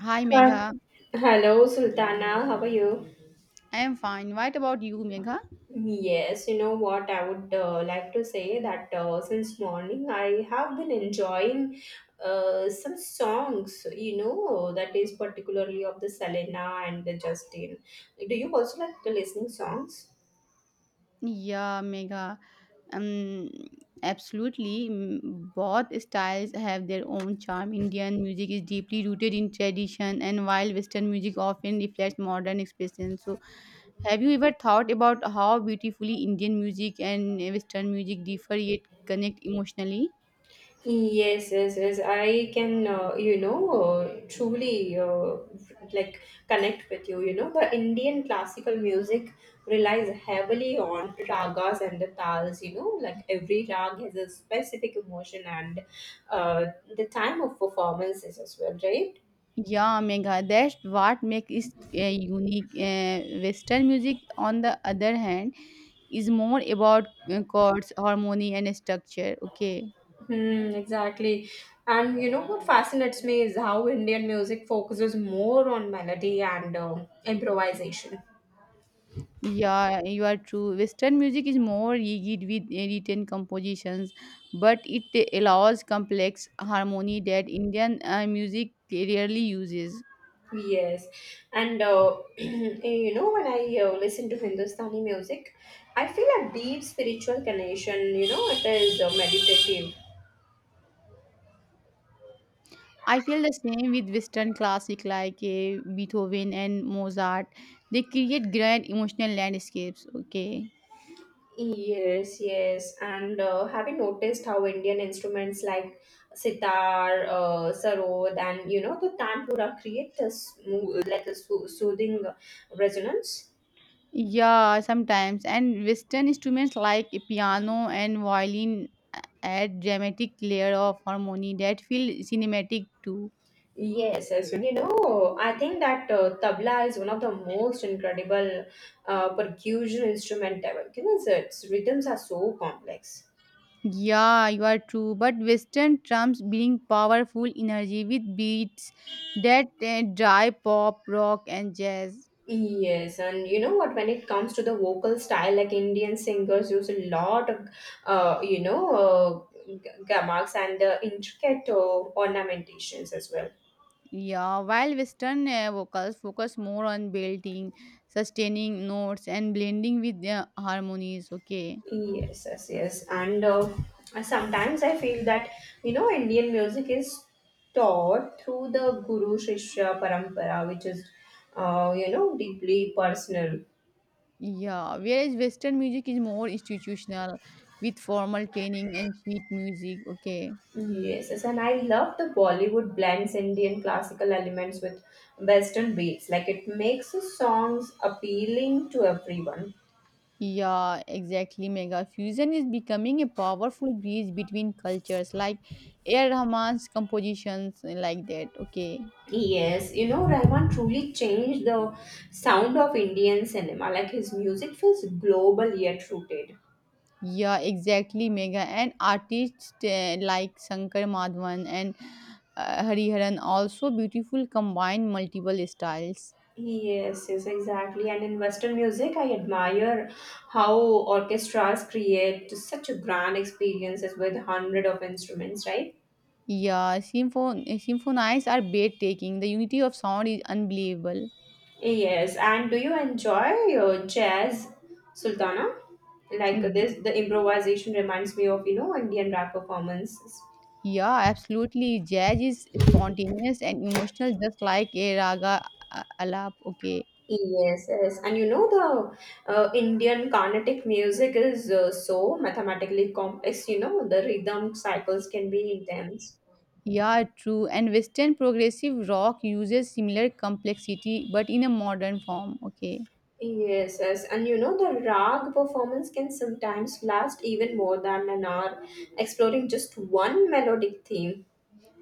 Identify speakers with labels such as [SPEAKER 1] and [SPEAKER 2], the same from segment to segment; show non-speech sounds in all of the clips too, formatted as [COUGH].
[SPEAKER 1] Hi
[SPEAKER 2] Hi.
[SPEAKER 1] Megha,
[SPEAKER 2] Hello, Sultana. How are you?
[SPEAKER 1] I am fine. What about you, Megha?
[SPEAKER 2] Yes, you know what? I would like to say that since morning I have been enjoying some songs, you know, that is particularly of the Selena and the Justin. Do you also like the listening songs?
[SPEAKER 1] Yeah, Megha. Um, absolutely. Both styles have their own charm. Indian music is deeply rooted in tradition, and while Western music often reflects modern expression. So, have you ever thought about how beautifully Indian music and Western music differ yet connect emotionally?
[SPEAKER 2] Yes, yes, yes. I can, truly like connect with you. You know, the Indian classical music relies heavily on ragas and the tals. You know, like every rag has a specific emotion and uh, the time of performances as well, right?
[SPEAKER 1] Yeah, Megha, that's what makes it unique. Western music, on the other hand, is more about chords, harmony, and structure. Okay.
[SPEAKER 2] Exactly. And you know what fascinates me is how Indian music focuses more on melody and improvisation.
[SPEAKER 1] Yeah, you are true. Western music is more rigid with written compositions, but it allows complex harmony that Indian music rarely uses.
[SPEAKER 2] Yes, and [CLEARS THROAT] you know when I listen to Hindustani music, I feel a deep spiritual connection. You know, it is meditative.
[SPEAKER 1] I feel the same with Western classic like Beethoven and Mozart. They create grand emotional landscapes. Okay.
[SPEAKER 2] Yes, yes, and have you noticed how Indian instruments like sitar, sarod, and you know the tanpura create this soothing resonance?
[SPEAKER 1] Yeah, sometimes. And Western instruments like piano and violin add dramatic layer of harmony that feel cinematic too.
[SPEAKER 2] Yes, as you know, I think that tabla is one of the most incredible percussion instrument ever, because its rhythms are so complex.
[SPEAKER 1] Yeah, you are true. But Western drums bring powerful energy with beats that drive pop, rock, and jazz.
[SPEAKER 2] Yes, and you know what? When it comes to the vocal style, like Indian singers use a lot of, uh, you know, uh, g- gamaks and intricate ornamentations as well.
[SPEAKER 1] Yeah, while Western vocals focus more on belting, sustaining notes, and blending with harmonies. Okay.
[SPEAKER 2] Yes, yes, yes. And sometimes I feel that, you know, Indian music is taught through the Guru Shishya Parampara, which is, you know, deeply personal.
[SPEAKER 1] Yeah, whereas Western music is more institutional with formal training and sheet music. Okay.
[SPEAKER 2] Yes, yes, and I love the Bollywood blends Indian classical elements with Western beats. Like it makes the songs appealing to everyone.
[SPEAKER 1] Yeah, exactly, Mega. Fusion is becoming a powerful bridge between cultures, like Air Rahman's compositions, like that. Okay.
[SPEAKER 2] Yes, you know, Rahman truly changed the sound of Indian cinema. Like his music feels global yet rooted.
[SPEAKER 1] Yeah, exactly, Mega. And artists like Shankar Madhavan and Hariharan also beautiful combine multiple styles.
[SPEAKER 2] Yes, yes, exactly. And in Western music, I admire how orchestras create such a grand experiences with hundred of instruments, right?
[SPEAKER 1] Yeah, symphonies are breathtaking. The unity of sound is unbelievable.
[SPEAKER 2] Yes. And do you enjoy your jazz, Sultana? Like this, the improvisation reminds me of, you know, Indian rap performances.
[SPEAKER 1] Yeah, absolutely. Jazz is spontaneous and emotional, just like a raga alap. Okay.
[SPEAKER 2] Yes, yes. And you know, the Indian Carnatic music is so mathematically complex, you know, the rhythm cycles can be intense.
[SPEAKER 1] Yeah, true. And Western progressive rock uses similar complexity but in a modern form. Okay.
[SPEAKER 2] Yes, yes, and you know the rag performance can sometimes last even more than an hour, exploring just one melodic theme.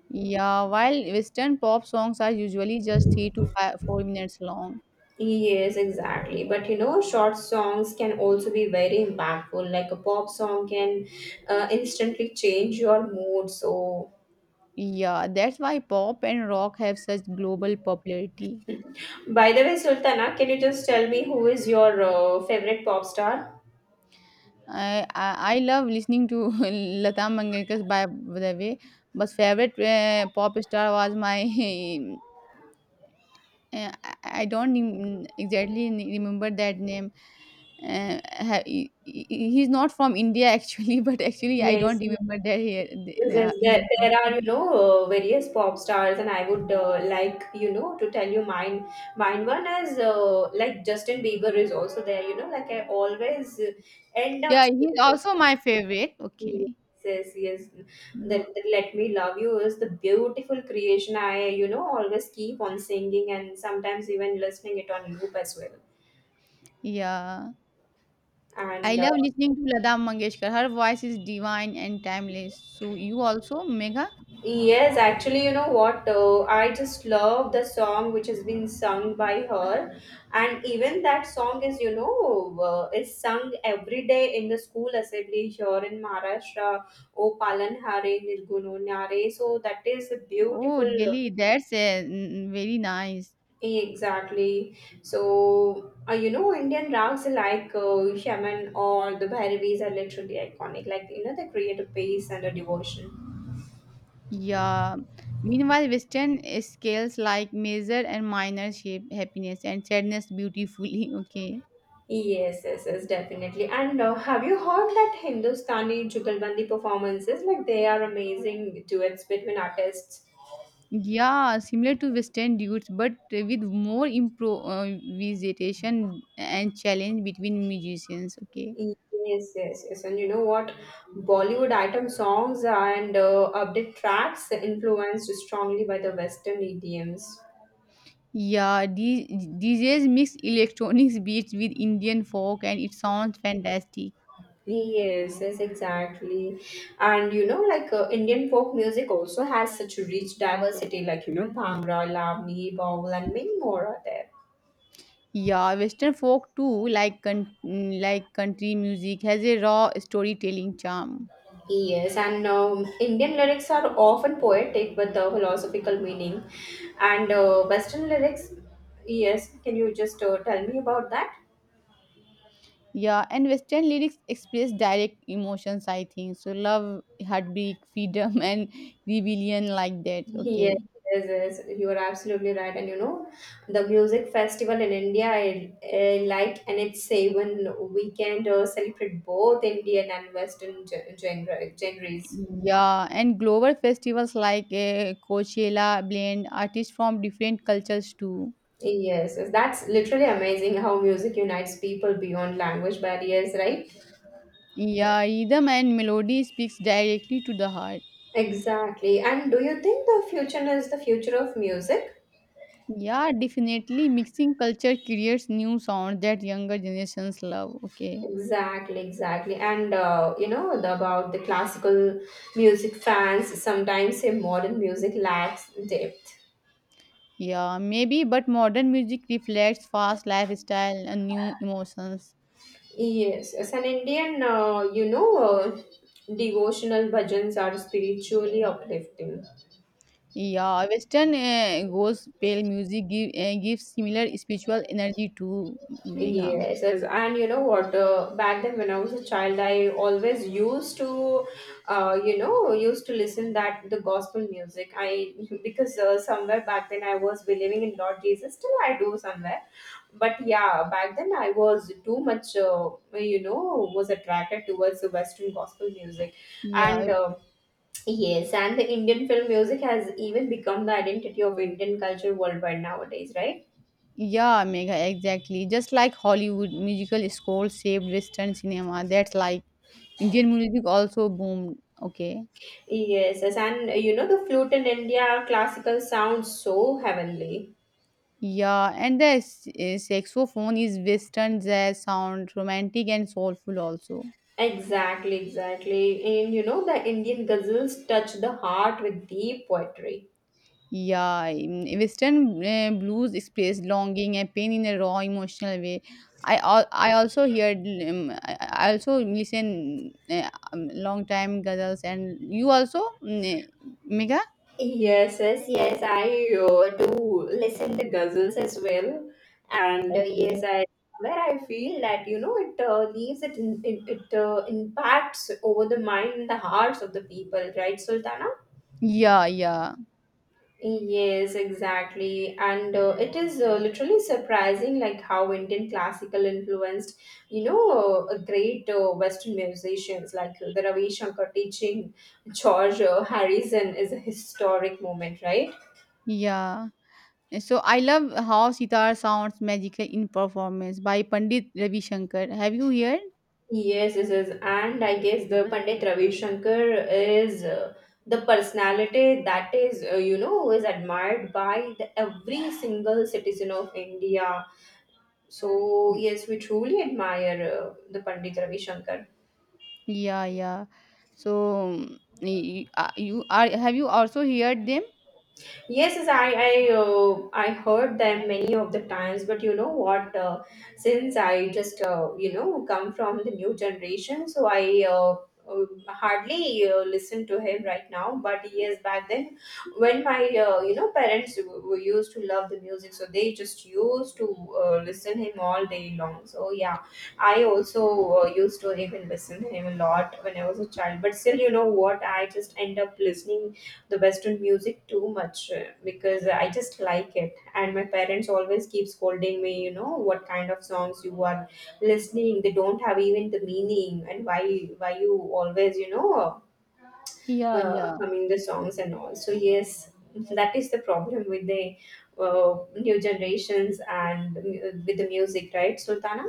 [SPEAKER 1] Yeah, while Western pop songs are usually just 3 to 5, 4 minutes long.
[SPEAKER 2] Yes, exactly. But you know, short songs can also be very impactful. Like a pop song can instantly change your mood. So,
[SPEAKER 1] Yeah, that's why pop and rock have such global popularity.
[SPEAKER 2] by the way, Sultana, can you just tell me who is your favorite pop star?
[SPEAKER 1] I love listening to [LAUGHS] Lata Mangeshkar's by the way, but favorite pop star was my [LAUGHS] uh, I don't exactly remember that name. Uh, he's not from India actually, [LAUGHS] but actually I don't,
[SPEAKER 2] Yes,
[SPEAKER 1] yeah, remember that here.
[SPEAKER 2] yes, yes, there
[SPEAKER 1] Yeah.
[SPEAKER 2] are, you know, various pop stars, and I would like, you know, to tell you mine. Mine one is like Justin Bieber is also there, you know, like I always end up
[SPEAKER 1] yeah, he's
[SPEAKER 2] saying,
[SPEAKER 1] also my favorite. Okay.
[SPEAKER 2] yes, yes, yes,
[SPEAKER 1] Mm.
[SPEAKER 2] that Let Me Love You is the beautiful creation. I, you know, always keep on singing and sometimes even listening it on loop as well.
[SPEAKER 1] Yeah. I
[SPEAKER 2] And
[SPEAKER 1] love listening to Lata Mangeshkar. Her voice is divine and timeless. So you also, Megha?
[SPEAKER 2] yes, actually, you know what? I just love the song which has been sung by her, and even that song is, you know, is sung every day in the school assembly here in Maharashtra. O Palan Hare Nirguno Nare. So that is a
[SPEAKER 1] Oh,
[SPEAKER 2] beautiful.
[SPEAKER 1] really? That's very nice.
[SPEAKER 2] Exactly. So you know, Indian rags like Shaman or the Bhairevis are literally iconic. Like you know, they create a pace and a devotion.
[SPEAKER 1] Yeah. Meanwhile, Western scales like major and minor shape happiness and sadness beautifully. [LAUGHS] Okay.
[SPEAKER 2] Yes, yes, yes, definitely. And have you heard that Hindustani Jugalbandi performances? Like they are amazing duets between artists.
[SPEAKER 1] Yeah, similar to Western dudes, but with more improvisation and challenge between musicians. Okay.
[SPEAKER 2] Yes, yes, yes. And you know what? Bollywood item songs and upbeat tracks influenced strongly by the Western idioms.
[SPEAKER 1] Yeah, DJs mix electronics beats with Indian folk, and it sounds fantastic.
[SPEAKER 2] Yes, yes, exactly. And you know, like Indian folk music also has such a rich diversity, like you know, Bhangra, Lavani, Baul, and many more are there.
[SPEAKER 1] Yeah, Western folk too, like country music, has a raw storytelling charm.
[SPEAKER 2] Yes, and Indian lyrics are often poetic with a philosophical meaning, and Western lyrics, yes, can you just tell me about that?
[SPEAKER 1] Yeah, and Western lyrics express direct emotions, I think. So love, heartbreak, freedom, [LAUGHS] and rebellion like that.
[SPEAKER 2] Yes,
[SPEAKER 1] Okay.
[SPEAKER 2] yes, yes, you are absolutely right. And you know, the music festival in India, I like, and it's seven weekend celebrate both Indian and Western genres.
[SPEAKER 1] Yeah, and global festivals like Coachella blend artists from different cultures too.
[SPEAKER 2] Yes, yes, that's literally amazing how music unites people beyond language barriers, right?
[SPEAKER 1] Yeah, rhythm and melody speaks directly to the heart.
[SPEAKER 2] Exactly. And do you think the future is the future of music?
[SPEAKER 1] Yeah, definitely mixing culture creates new sounds that younger generations love. Okay.
[SPEAKER 2] Exactly, exactly. And you know the, about the classical music fans sometimes say modern music lacks depth.
[SPEAKER 1] Yeah, maybe, but modern music reflects fast lifestyle and new emotions.
[SPEAKER 2] Yes, as an Indian, devotional bhajans are spiritually uplifting.
[SPEAKER 1] Yeah, Western goes pale music give, gives similar spiritual energy to Mega.
[SPEAKER 2] Yes, yes, and you know what? Back then, when I was a child, I always used to, used to listen that the gospel music. I [LAUGHS] because somewhere back then I was believing in Lord Jesus. Still, I do somewhere, but yeah, back then I was too much, was attracted towards the Western gospel music,
[SPEAKER 1] Yeah,
[SPEAKER 2] and. Yes, and the Indian film music has even become the identity of Indian culture worldwide nowadays, right?
[SPEAKER 1] yeah, Mega, exactly. Just like Hollywood musical score saved Western cinema. That's like Indian music also boomed. Okay.
[SPEAKER 2] Yes, yes, and you know the flute in India classical sounds so heavenly.
[SPEAKER 1] Yeah, and the saxophone is Western jazz sound, romantic and soulful also.
[SPEAKER 2] Exactly, exactly. And you know the Indian ghazals touch the heart with deep poetry.
[SPEAKER 1] Yeah, in Western blues express longing and pain in a raw emotional way. I also heard I also listen long time ghazals and you also Mega.
[SPEAKER 2] Yes, yes, yes. I do listen to ghazals as well, and yes,
[SPEAKER 1] Okay.
[SPEAKER 2] I where I feel that you know it leaves it in, it, it impacts over the mind and the hearts of the people, right, Sultana?
[SPEAKER 1] Yeah, yeah,
[SPEAKER 2] Yes, exactly. And it is literally surprising like how Indian classical influenced, you know, great Western musicians like the Ravi Shankar teaching George Harrison is a historic moment, right?
[SPEAKER 1] yeah. So I love how sitar sounds magical in performance by Pandit Ravi Shankar. Have you heard?
[SPEAKER 2] Yes, yes, yes. And I guess the Pandit Ravi Shankar is the personality that is, is admired by the, every single citizen of India. So yes, we truly admire the Pandit Ravi Shankar.
[SPEAKER 1] Yeah, yeah. So you are have you also heard them?
[SPEAKER 2] Yes, yes, I heard them many of the times, but you know what? Since I just come from the new generation, so I hardly listen to him right now. But years back then, when my you know parents were used to love the music, so they just used to listen him all day long. So yeah, I also used to even listen to him a lot when I was a child. But still, you know what? I just end up listening the western music too much because I just like it, and my parents always keep scolding me, you know, what kind of songs you are listening, they don't have even the meaning, and why you always you know
[SPEAKER 1] Yeah, yeah.
[SPEAKER 2] humming the songs and all. So yes, that is the problem with the uh, new generations and with the music, right, sultana?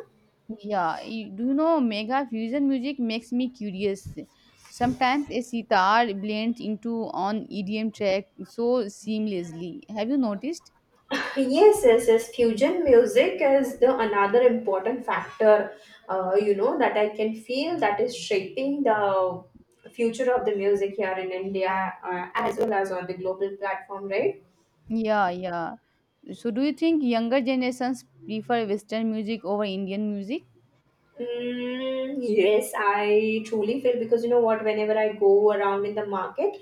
[SPEAKER 1] Yeah, do you know mega fusion music makes me curious. Sometimes a sitar blends into on EDM track so seamlessly. Have you noticed?
[SPEAKER 2] Yes, yes, yes. Fusion music is the another important factor, that I can feel that is shaping the future of the music here in India, as well as on the global platform, right?
[SPEAKER 1] Yeah, yeah. So do you think younger generations prefer Western music over Indian music?
[SPEAKER 2] Yes, I truly feel because you know what, whenever I go around in the market,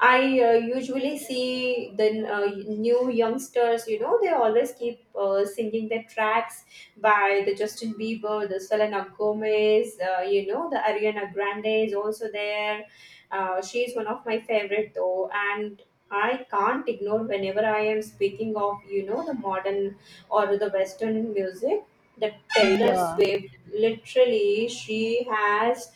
[SPEAKER 2] I usually see the new youngsters, you know, they always keep singing their tracks by the Justin Bieber, the Selena Gomez, you know, the Ariana Grande is also there. She is one of my favorite though, and I can't ignore whenever I am speaking of, you know, the modern or the Western music. The Taylor
[SPEAKER 1] Yeah,
[SPEAKER 2] Swift literally she has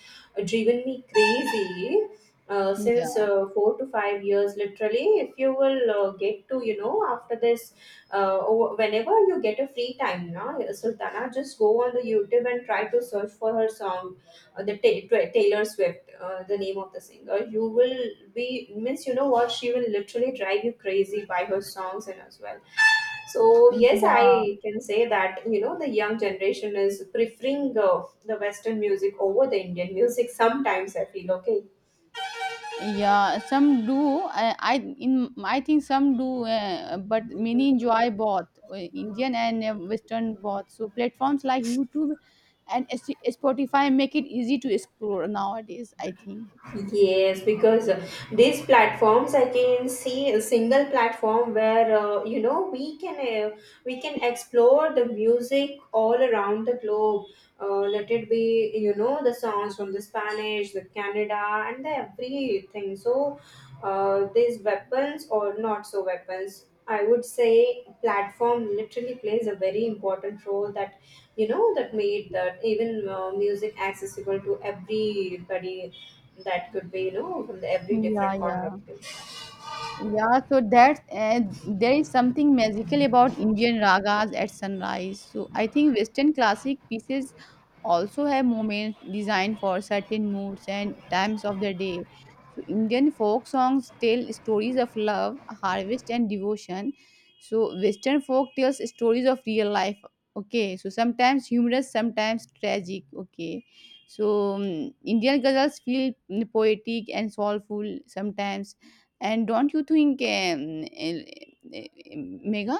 [SPEAKER 2] driven me crazy uh, since
[SPEAKER 1] yeah,
[SPEAKER 2] uh, 4 to 5 years literally. If you will get to you know after this whenever you get a free time now sultana, just go on the youtube and try to search for her song, taylor swift, the name of the singer. You will be means you know what, she will literally drive you crazy by her songs and as well. So yes,
[SPEAKER 1] yeah.
[SPEAKER 2] I can say that you know the young generation is preferring the Western music over the Indian music. Sometimes I feel, okay.
[SPEAKER 1] Yeah, some do. I think some do, but many enjoy both Indian and Western both. So platforms like YouTube and Spotify make it easy to explore nowadays. I think.
[SPEAKER 2] Yes, because these platforms, I can see a single platform where you know uh, we can explore the music all around the globe. Let it be you know the songs from the Spanish, the Canada, and the everything. So these weapons or not so weapons I would say platform literally plays a very important role that you know that made that even music accessible to everybody that could be you know from the every
[SPEAKER 1] Yeah,
[SPEAKER 2] different corner of
[SPEAKER 1] yeah.
[SPEAKER 2] the
[SPEAKER 1] Yeah, so that's there is something magical about Indian ragas at sunrise. So I think Western classic pieces also have moments designed for certain moods and times of the day. So Indian folk songs tell stories of love, harvest, and devotion. So Western folk tells stories of real life. Okay, so sometimes humorous, sometimes tragic. Okay, so Indian ghazals feel poetic and soulful sometimes and don't you think, Mega?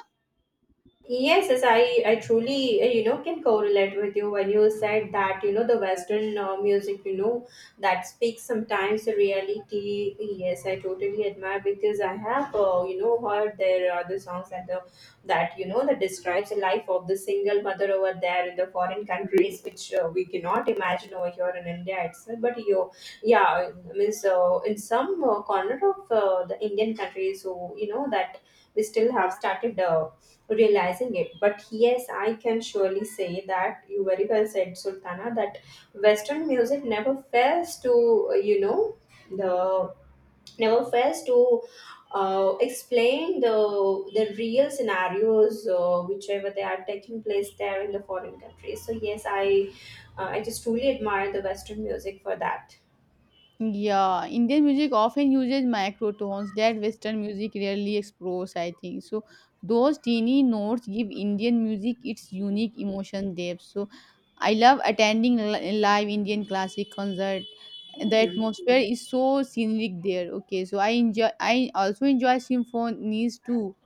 [SPEAKER 2] Yes, yes, I truly, can correlate with you when you said that, you know, the Western music, you know, that speaks sometimes the reality. Yes, I totally admire because I have, heard their the songs and the, that, you know, that describes the life of the single mother over there in the foreign countries, which we cannot imagine over here in India itself. But you, yeah, means in some corner of the Indian countries, so, you know, that we still have started realizing it. But yes, I can surely say that you very well said, Sultana, that Western music never fails to, you know, the never fails to explain the real scenarios whichever they are taking place there in the foreign countries. So yes, I just truly admire the Western music for that.
[SPEAKER 1] Yeah, Indian music often uses microtones that Western music rarely explores, I think. So, those teeny notes give Indian music its unique emotion depth. So, I love attending live Indian classic concert. The
[SPEAKER 2] Hmm.
[SPEAKER 1] atmosphere is so scenic there. Okay, so I enjoy. I also enjoy symphonies too,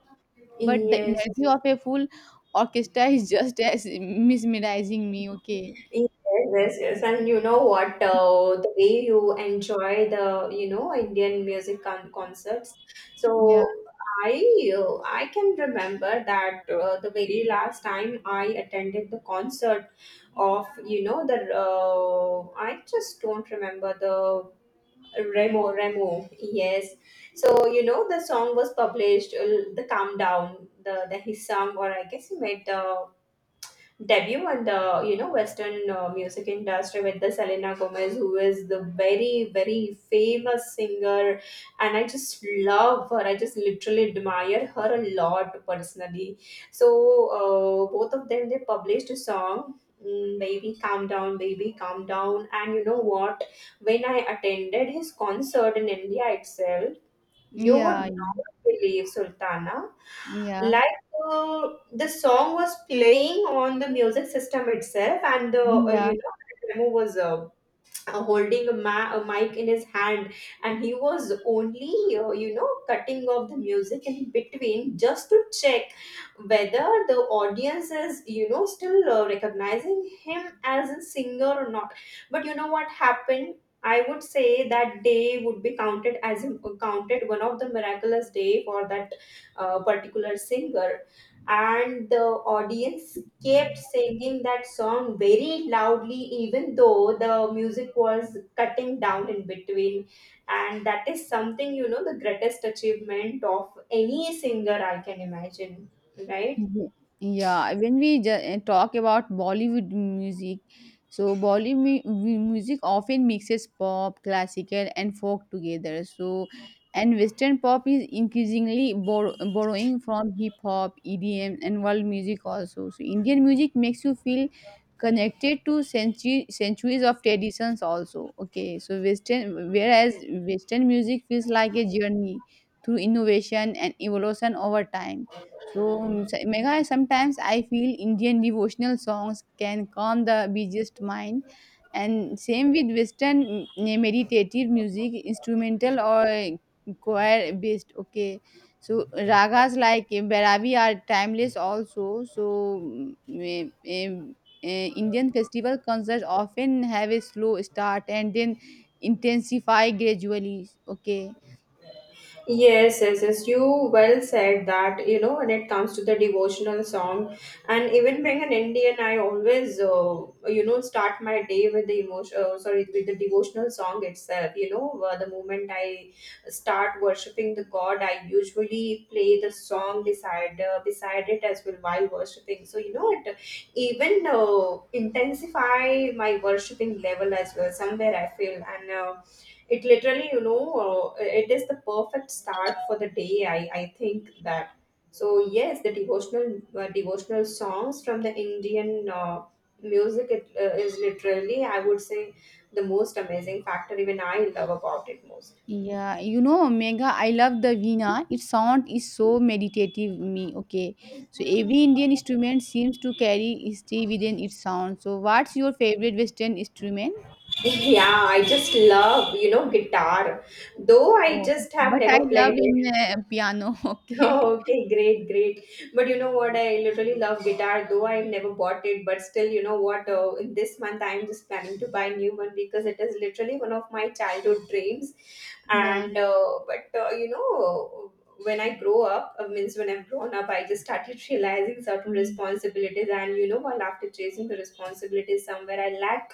[SPEAKER 1] but the
[SPEAKER 2] Yes.
[SPEAKER 1] energy of a full orchestra is just as mesmerizing me. Okay.
[SPEAKER 2] Yes, yes, yes. And you know what? The way you enjoy the, you know, Indian music concerts.
[SPEAKER 1] Yeah,
[SPEAKER 2] So I can remember that the very last time I attended the concert of, you know, I just don't remember the Remo, Remo. Yes. So, you know, the song was published, the Calm Down, the his song, or I guess he made the debut in the you know Western music industry with the Selena Gomez, who is the very famous singer, and I just love her. I just literally admire her a lot personally. So both of them they published a song. "Mm, baby, calm down, baby, calm down." And you know what? When I attended his concert in India itself, you would
[SPEAKER 1] yeah,
[SPEAKER 2] not believe, Sultana.
[SPEAKER 1] yeah, yeah,
[SPEAKER 2] Like the song was playing on the music system itself, and the
[SPEAKER 1] yeah.
[SPEAKER 2] you know the demo was holding a, a mic in his hand, and he was only you know cutting off the music in between just to check whether the audience is you know still recognizing him as a singer or not. But you know what happened, I would say that day would be counted as a, counted one of the miraculous day for that particular singer, and the audience kept singing that song very loudly, even though the music was cutting down in between. And that is something, you know, the greatest achievement of any singer I can imagine, right?
[SPEAKER 1] Ye yeah, when we ju talk about Bollywood music, so Bollywood mu mu music often mixes pop, classical, and folk together. So, and Western pop is increasingly borrowing from hip hop, EDM, and world music also. So, Indian music makes you feel connected to centuries of traditions also. Okay, so whereas Western music feels like a journey through innovation and evolution over time so, Megha, sometimes I feel Indian devotional songs can calm the busiest mind, and same with Western meditative music, instrumental or choir based. Okay, so ragas like Bhairavi are timeless also. So, mm, eh, eh, Indian festival concerts often have a slow start and then intensify gradually. Okay.
[SPEAKER 2] Yes, yes, yes. You well said that, you know, when it comes to the devotional song, and even being an Indian, I always, you know, start my day with the emotion, sorry, with the devotional song itself. You know, the moment I start worshiping the God, I usually play the song beside beside it as well while worshiping. So, you know, it even intensify my worshiping level as well. Somewhere I feel. And. It literally you know it is the perfect start for the day, I think that. So yes, the devotional devotional songs from the Indian music, is literally, I would say, the most amazing factor even I love about it most.
[SPEAKER 1] Yeah, you know, Mega, I love the veena. Its sound is so meditative me. Okay. So every Indian instrument seems to carry history within its sound. So what's your favorite Western instrument?
[SPEAKER 2] [LAUGHS] Yeah, I just love you know guitar, though I
[SPEAKER 1] Oh,
[SPEAKER 2] just have
[SPEAKER 1] but I
[SPEAKER 2] never
[SPEAKER 1] love
[SPEAKER 2] played.
[SPEAKER 1] in piano. [LAUGHS]
[SPEAKER 2] [LAUGHS]
[SPEAKER 1] Okay.
[SPEAKER 2] Oh, okay, great, great. But you know what? I literally love guitar, though I've never bought it. But still, you know what? In this month, I'm just planning to buy a new one because it is literally one of my childhood dreams.
[SPEAKER 1] Yeah.
[SPEAKER 2] And but You know, when I grow up, means when I've grown up, I just started [LAUGHS] realizing certain
[SPEAKER 1] Mm.
[SPEAKER 2] responsibilities. And you know, while after chasing the responsibilities somewhere, I lack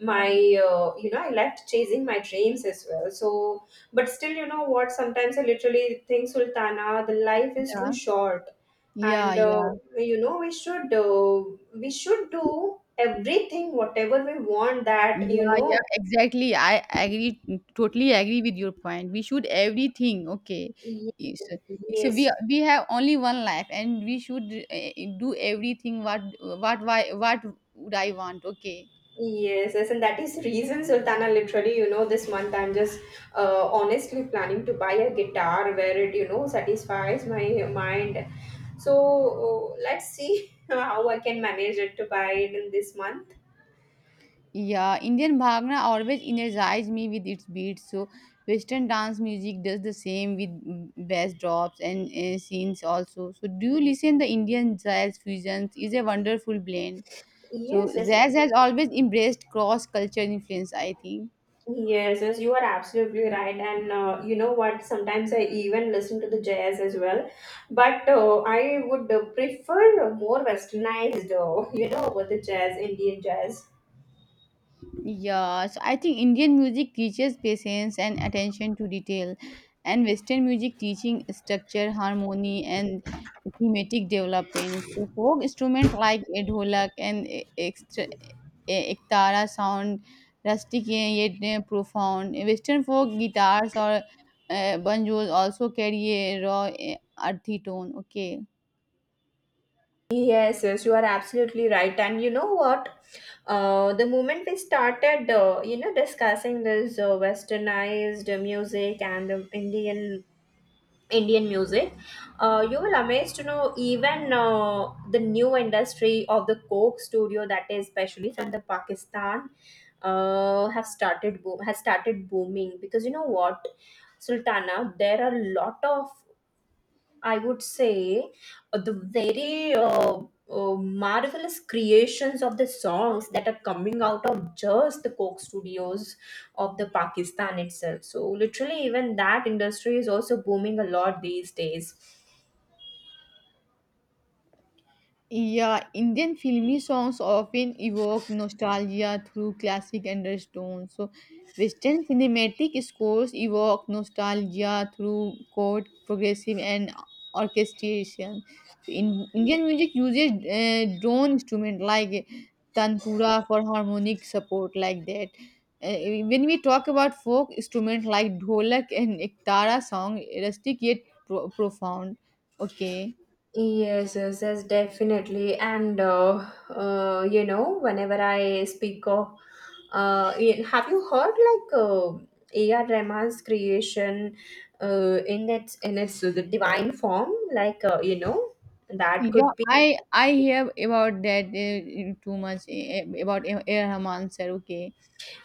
[SPEAKER 2] my you know, I lacked chasing my dreams as well. So but still, you know what? Sometimes I literally think, Sultana, the life is too
[SPEAKER 1] Yeah.
[SPEAKER 2] short,
[SPEAKER 1] Yeah.
[SPEAKER 2] and
[SPEAKER 1] Yeah.
[SPEAKER 2] you know we should do everything, whatever we want. That you
[SPEAKER 1] Yeah, yeah,
[SPEAKER 2] know,
[SPEAKER 1] exactly. I agree, totally agree with your point. We should everything, okay.
[SPEAKER 2] yes,
[SPEAKER 1] Is is we
[SPEAKER 2] yes,
[SPEAKER 1] we have only one life, and we should do everything. What would I want? Okay.
[SPEAKER 2] yes, yes, and that is reason, Sultana. Literally, you know, this month I'm just honestly planning to buy a guitar where it you know satisfies my mind. So let's see [LAUGHS] how I can manage it to buy it in this month.
[SPEAKER 1] Yeah, Indian Bhangra always energize me with its beats. So Western dance music does the same with bass drops and scenes also. So do you listen the Indian jazz fusions? Is a wonderful blend. So
[SPEAKER 2] Yes, yes.
[SPEAKER 1] jazz has always embraced cross-cultural influence, I think.
[SPEAKER 2] Yes, yes, you are absolutely right. And you know what? Sometimes I even listen to the jazz as well. But I would prefer more westernized, [LAUGHS] you know, with the jazz, Indian jazz.
[SPEAKER 1] Yeah, so I think Indian music teaches patience and attention to detail, and Western music teaching structure, harmony, and thematic development. So folk instruments like a dholak and ektara sound rustic yet profound. Western folk guitars or banjos also carry a raw, uh, earthy tone. Okay.
[SPEAKER 2] Yes, yes, you are absolutely right. And you know what? The moment we started, you know, discussing this westernized music and the Indian music, you will amazed to know even the new industry of the Coke studio that is especially from the Pakistan have started boom has started booming, because you know what, Sultana, there are a lot of, I would say, the very marvelous creations of the songs that are coming out of just the Coke studios of the Pakistan itself. So literally, even that industry is also booming a lot these days.
[SPEAKER 1] Yeah, Indian filmy songs often evoke nostalgia through classic undertones. So, Western cinematic scores evoke nostalgia through chord, progressive, and orchestration. So, in Indian music uses drone instrument like tanpura for harmonic support, like that. When we talk about folk instrument like dholak and ektara song, rustic yet profound. Okay.
[SPEAKER 2] Yes, yes, yes, definitely. And you know, whenever I speak of, have you heard like A.R. Rahman's creation in its the divine form? Like you know, that
[SPEAKER 1] Yeah,
[SPEAKER 2] could be.
[SPEAKER 1] I hear about that too much about Eh Rahman sir. Okay,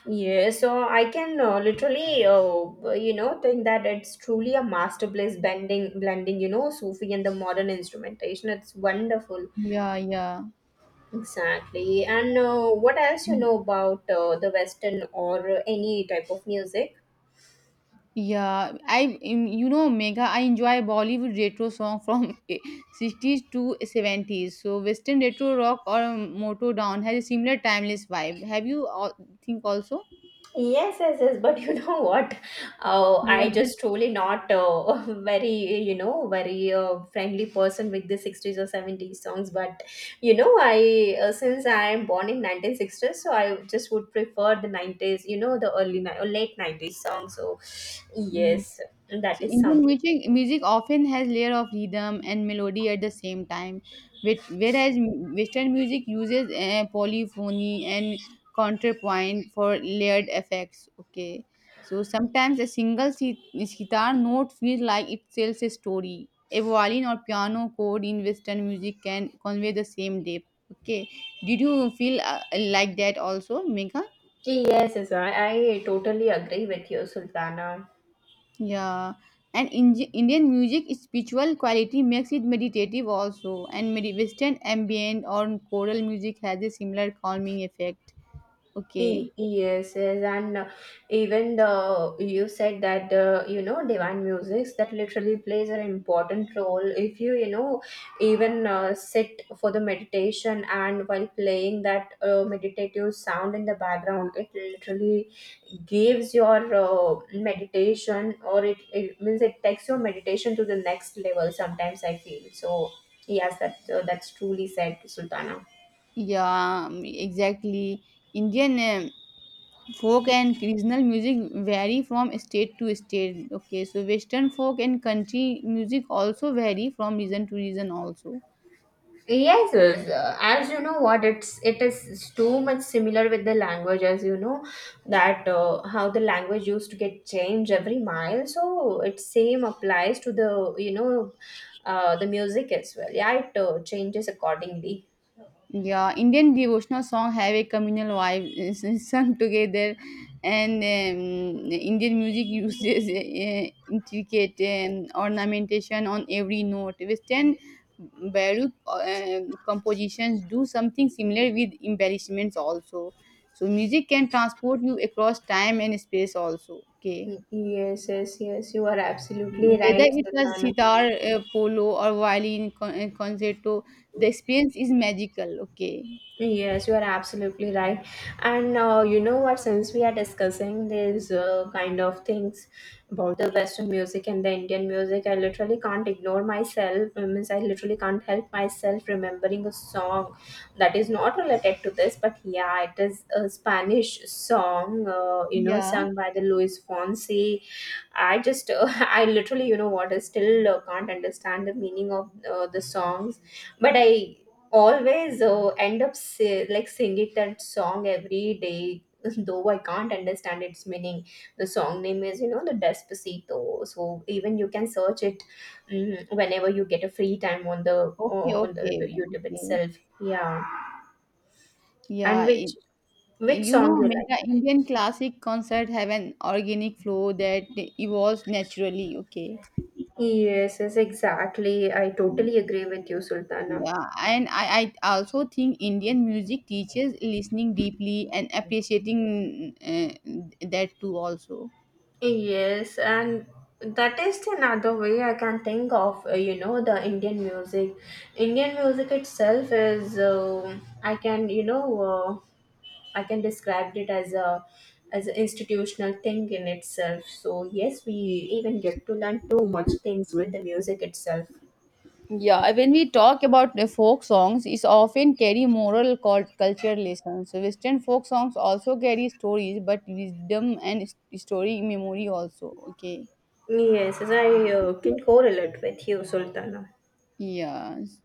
[SPEAKER 2] Yeah, so I can literally, you know, think that it's truly a masterpiece blending, you know, Sufi and the modern instrumentation. It's wonderful.
[SPEAKER 1] yeah, yeah,
[SPEAKER 2] Exactly. And what else you
[SPEAKER 1] Mm.
[SPEAKER 2] know about the Western or any type of music?
[SPEAKER 1] yeah. I you know Megha, I enjoy Bollywood retro song from [LAUGHS] 60s to 70s. So Western retro rock or Motown has a similar timeless vibe. Have you all, think also?
[SPEAKER 2] Yes, yes, yes. But you [LAUGHS] know what?
[SPEAKER 1] Yeah.
[SPEAKER 2] I just truly not [LAUGHS] very, you know, very friendly person with the '60s or '70s songs. But you know, I since I am born in 1960s, so I just would prefer the '90s. You know, the early or late '90s songs. So
[SPEAKER 1] [LAUGHS]
[SPEAKER 2] yes, that
[SPEAKER 1] So
[SPEAKER 2] is
[SPEAKER 1] Indian
[SPEAKER 2] something.
[SPEAKER 1] music often has layer of rhythm and melody at the same time, whereas Western music uses polyphony and counterpoint for layered effects. Okay, so sometimes a single sitar note feels like it tells a story. A violin or piano chord in Western music can convey the same depth. Okay, did you feel like that also, Megha?
[SPEAKER 2] Yes, yes. I totally agree with you, Sultana.
[SPEAKER 1] Yeah, and Indian music spiritual quality makes it meditative also, and Western ambient or choral music has a similar calming effect. Okay,
[SPEAKER 2] Yes, yes, and even the you said that you know divine musics that literally plays an important role. If you you know even sit for the meditation and while playing that meditative sound in the background, it literally gives your meditation, or it means it takes your meditation to the next level. Sometimes I feel so. Yes, that's truly said, Sultana.
[SPEAKER 1] yeah, exactly. Indian um, folk and regional music vary from state to state. Okay, so Western folk and country music also vary from region to region also.
[SPEAKER 2] Yes, yes, as you know, what it's it is too much similar with the language, as you know, that how the language used to get changed every mile. So it same applies to the you know, the music as well. Yeah, it changes accordingly.
[SPEAKER 1] Yeah, Indian devotional song have a communal vibe [LAUGHS] is sung together, and Indian music [LAUGHS] uses intricate ornamentation on every note. Western Baroque compositions do something similar with embellishments also. So music can transport you across time and space also. Okay,
[SPEAKER 2] Yes, yes, yes. You are absolutely
[SPEAKER 1] whether
[SPEAKER 2] right,
[SPEAKER 1] it's a
[SPEAKER 2] Satana.
[SPEAKER 1] sitar, polo, or violin concerto, the experience is magical. Okay,
[SPEAKER 2] Yes, you are absolutely right. And you know what? Since we are discussing these kind of things about the Western music and the Indian music, I literally can't ignore myself. I means I literally can't help myself remembering a song that is not related to this, but yeah, it is a Spanish song. You know,
[SPEAKER 1] yeah.
[SPEAKER 2] sung by the Luis Fonsi. I just, [LAUGHS] I literally, you know what? I still can't understand the meaning of the songs, but I always end up like singing that song every day [LAUGHS] though I can't understand its meaning. The song name is you know the Despacito, so even you can search it, mm, whenever you get a free time on the
[SPEAKER 1] Okay,
[SPEAKER 2] on
[SPEAKER 1] okay,
[SPEAKER 2] the YouTube
[SPEAKER 1] okay.
[SPEAKER 2] itself. Yeah. And
[SPEAKER 1] Yeah, it,
[SPEAKER 2] which
[SPEAKER 1] you
[SPEAKER 2] song
[SPEAKER 1] know,
[SPEAKER 2] you
[SPEAKER 1] Mega
[SPEAKER 2] like?
[SPEAKER 1] Indian classic concert have an organic flow that evolves naturally. Okay.
[SPEAKER 2] Yes, yes, exactly, I
[SPEAKER 1] Mm.
[SPEAKER 2] totally agree with you, Sultana.
[SPEAKER 1] Yeah, and I also think Indian music teaches listening deeply and appreciating that too also.
[SPEAKER 2] Yes, and that is another way I can think of, you know, the Indian music. Indian music itself is, I can, you know, I can describe it as a as an institutional thing in itself. So yes, we even get to learn too much things with the music itself.
[SPEAKER 1] Yeah, when we talk about the folk songs, it's often carry moral culture lessons. So Western folk songs also carry stories, but wisdom and story memory also. Okay.
[SPEAKER 2] Yes, as I can correlate with you, Sultana.
[SPEAKER 1] Yes.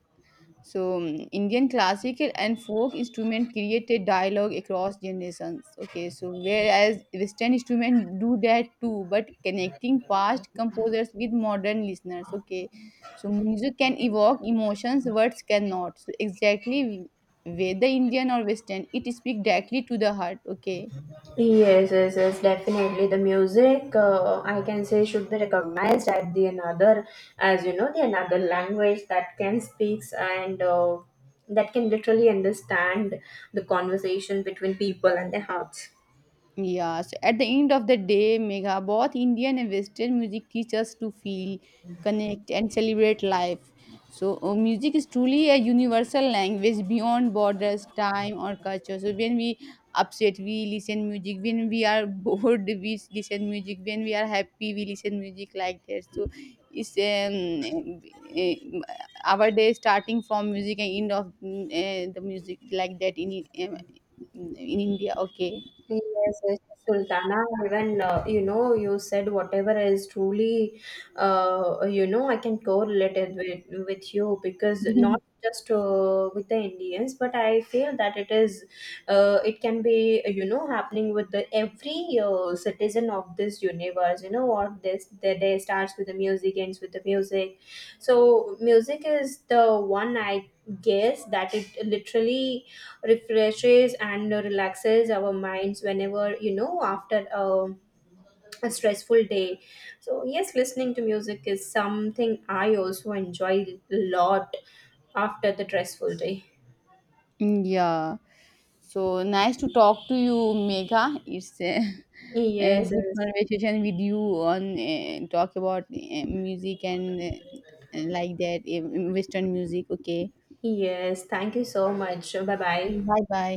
[SPEAKER 1] So Indian classical and folk instrument created dialogue across generations. Okay, so whereas Western instrument do that too, but connecting past composers with modern listeners. Okay, so music can evoke emotions, words cannot. So exactly whether Indian or Western, it speaks directly to the heart. Okay.
[SPEAKER 2] Yes, yes, yes, definitely. The music, I can say, should be recognized as the another, as you know, the another language that can speaks and that can literally understand the conversation between people and their hearts.
[SPEAKER 1] Yeah, so at the end of the day, Megha, both Indian and Western music teach us to feel, connect, and celebrate life. So, music is truly a universal language beyond borders, time, or culture. So, when we upset, we listen music. When we are [LAUGHS] bored, we listen music. When we are happy, we listen music like that. So, it's our day starting from music and end of the music like that in in India. Okay.
[SPEAKER 2] Yes, yes, yes, Sultana, even you know, you said whatever is truly, you know, I can correlate it with you because not
[SPEAKER 1] [LAUGHS]
[SPEAKER 2] just with the Indians, but I feel that it is, it can be, you know, happening with the every citizen of this universe. You know what? This the day starts with the music, ends with the music. So music is the one I guess that it literally refreshes and relaxes our minds whenever you know after a stressful day. So yes, listening to music is something I also enjoy a lot after the stressful day.
[SPEAKER 1] Mm. Yeah. So nice to talk to you, Megha. It's a, [LAUGHS] a
[SPEAKER 2] Yes,
[SPEAKER 1] good
[SPEAKER 2] yes,
[SPEAKER 1] conversation with you on talk about music and like that Western music. Okay.
[SPEAKER 2] yes, thank you so much, bye bye.
[SPEAKER 1] Bye bye.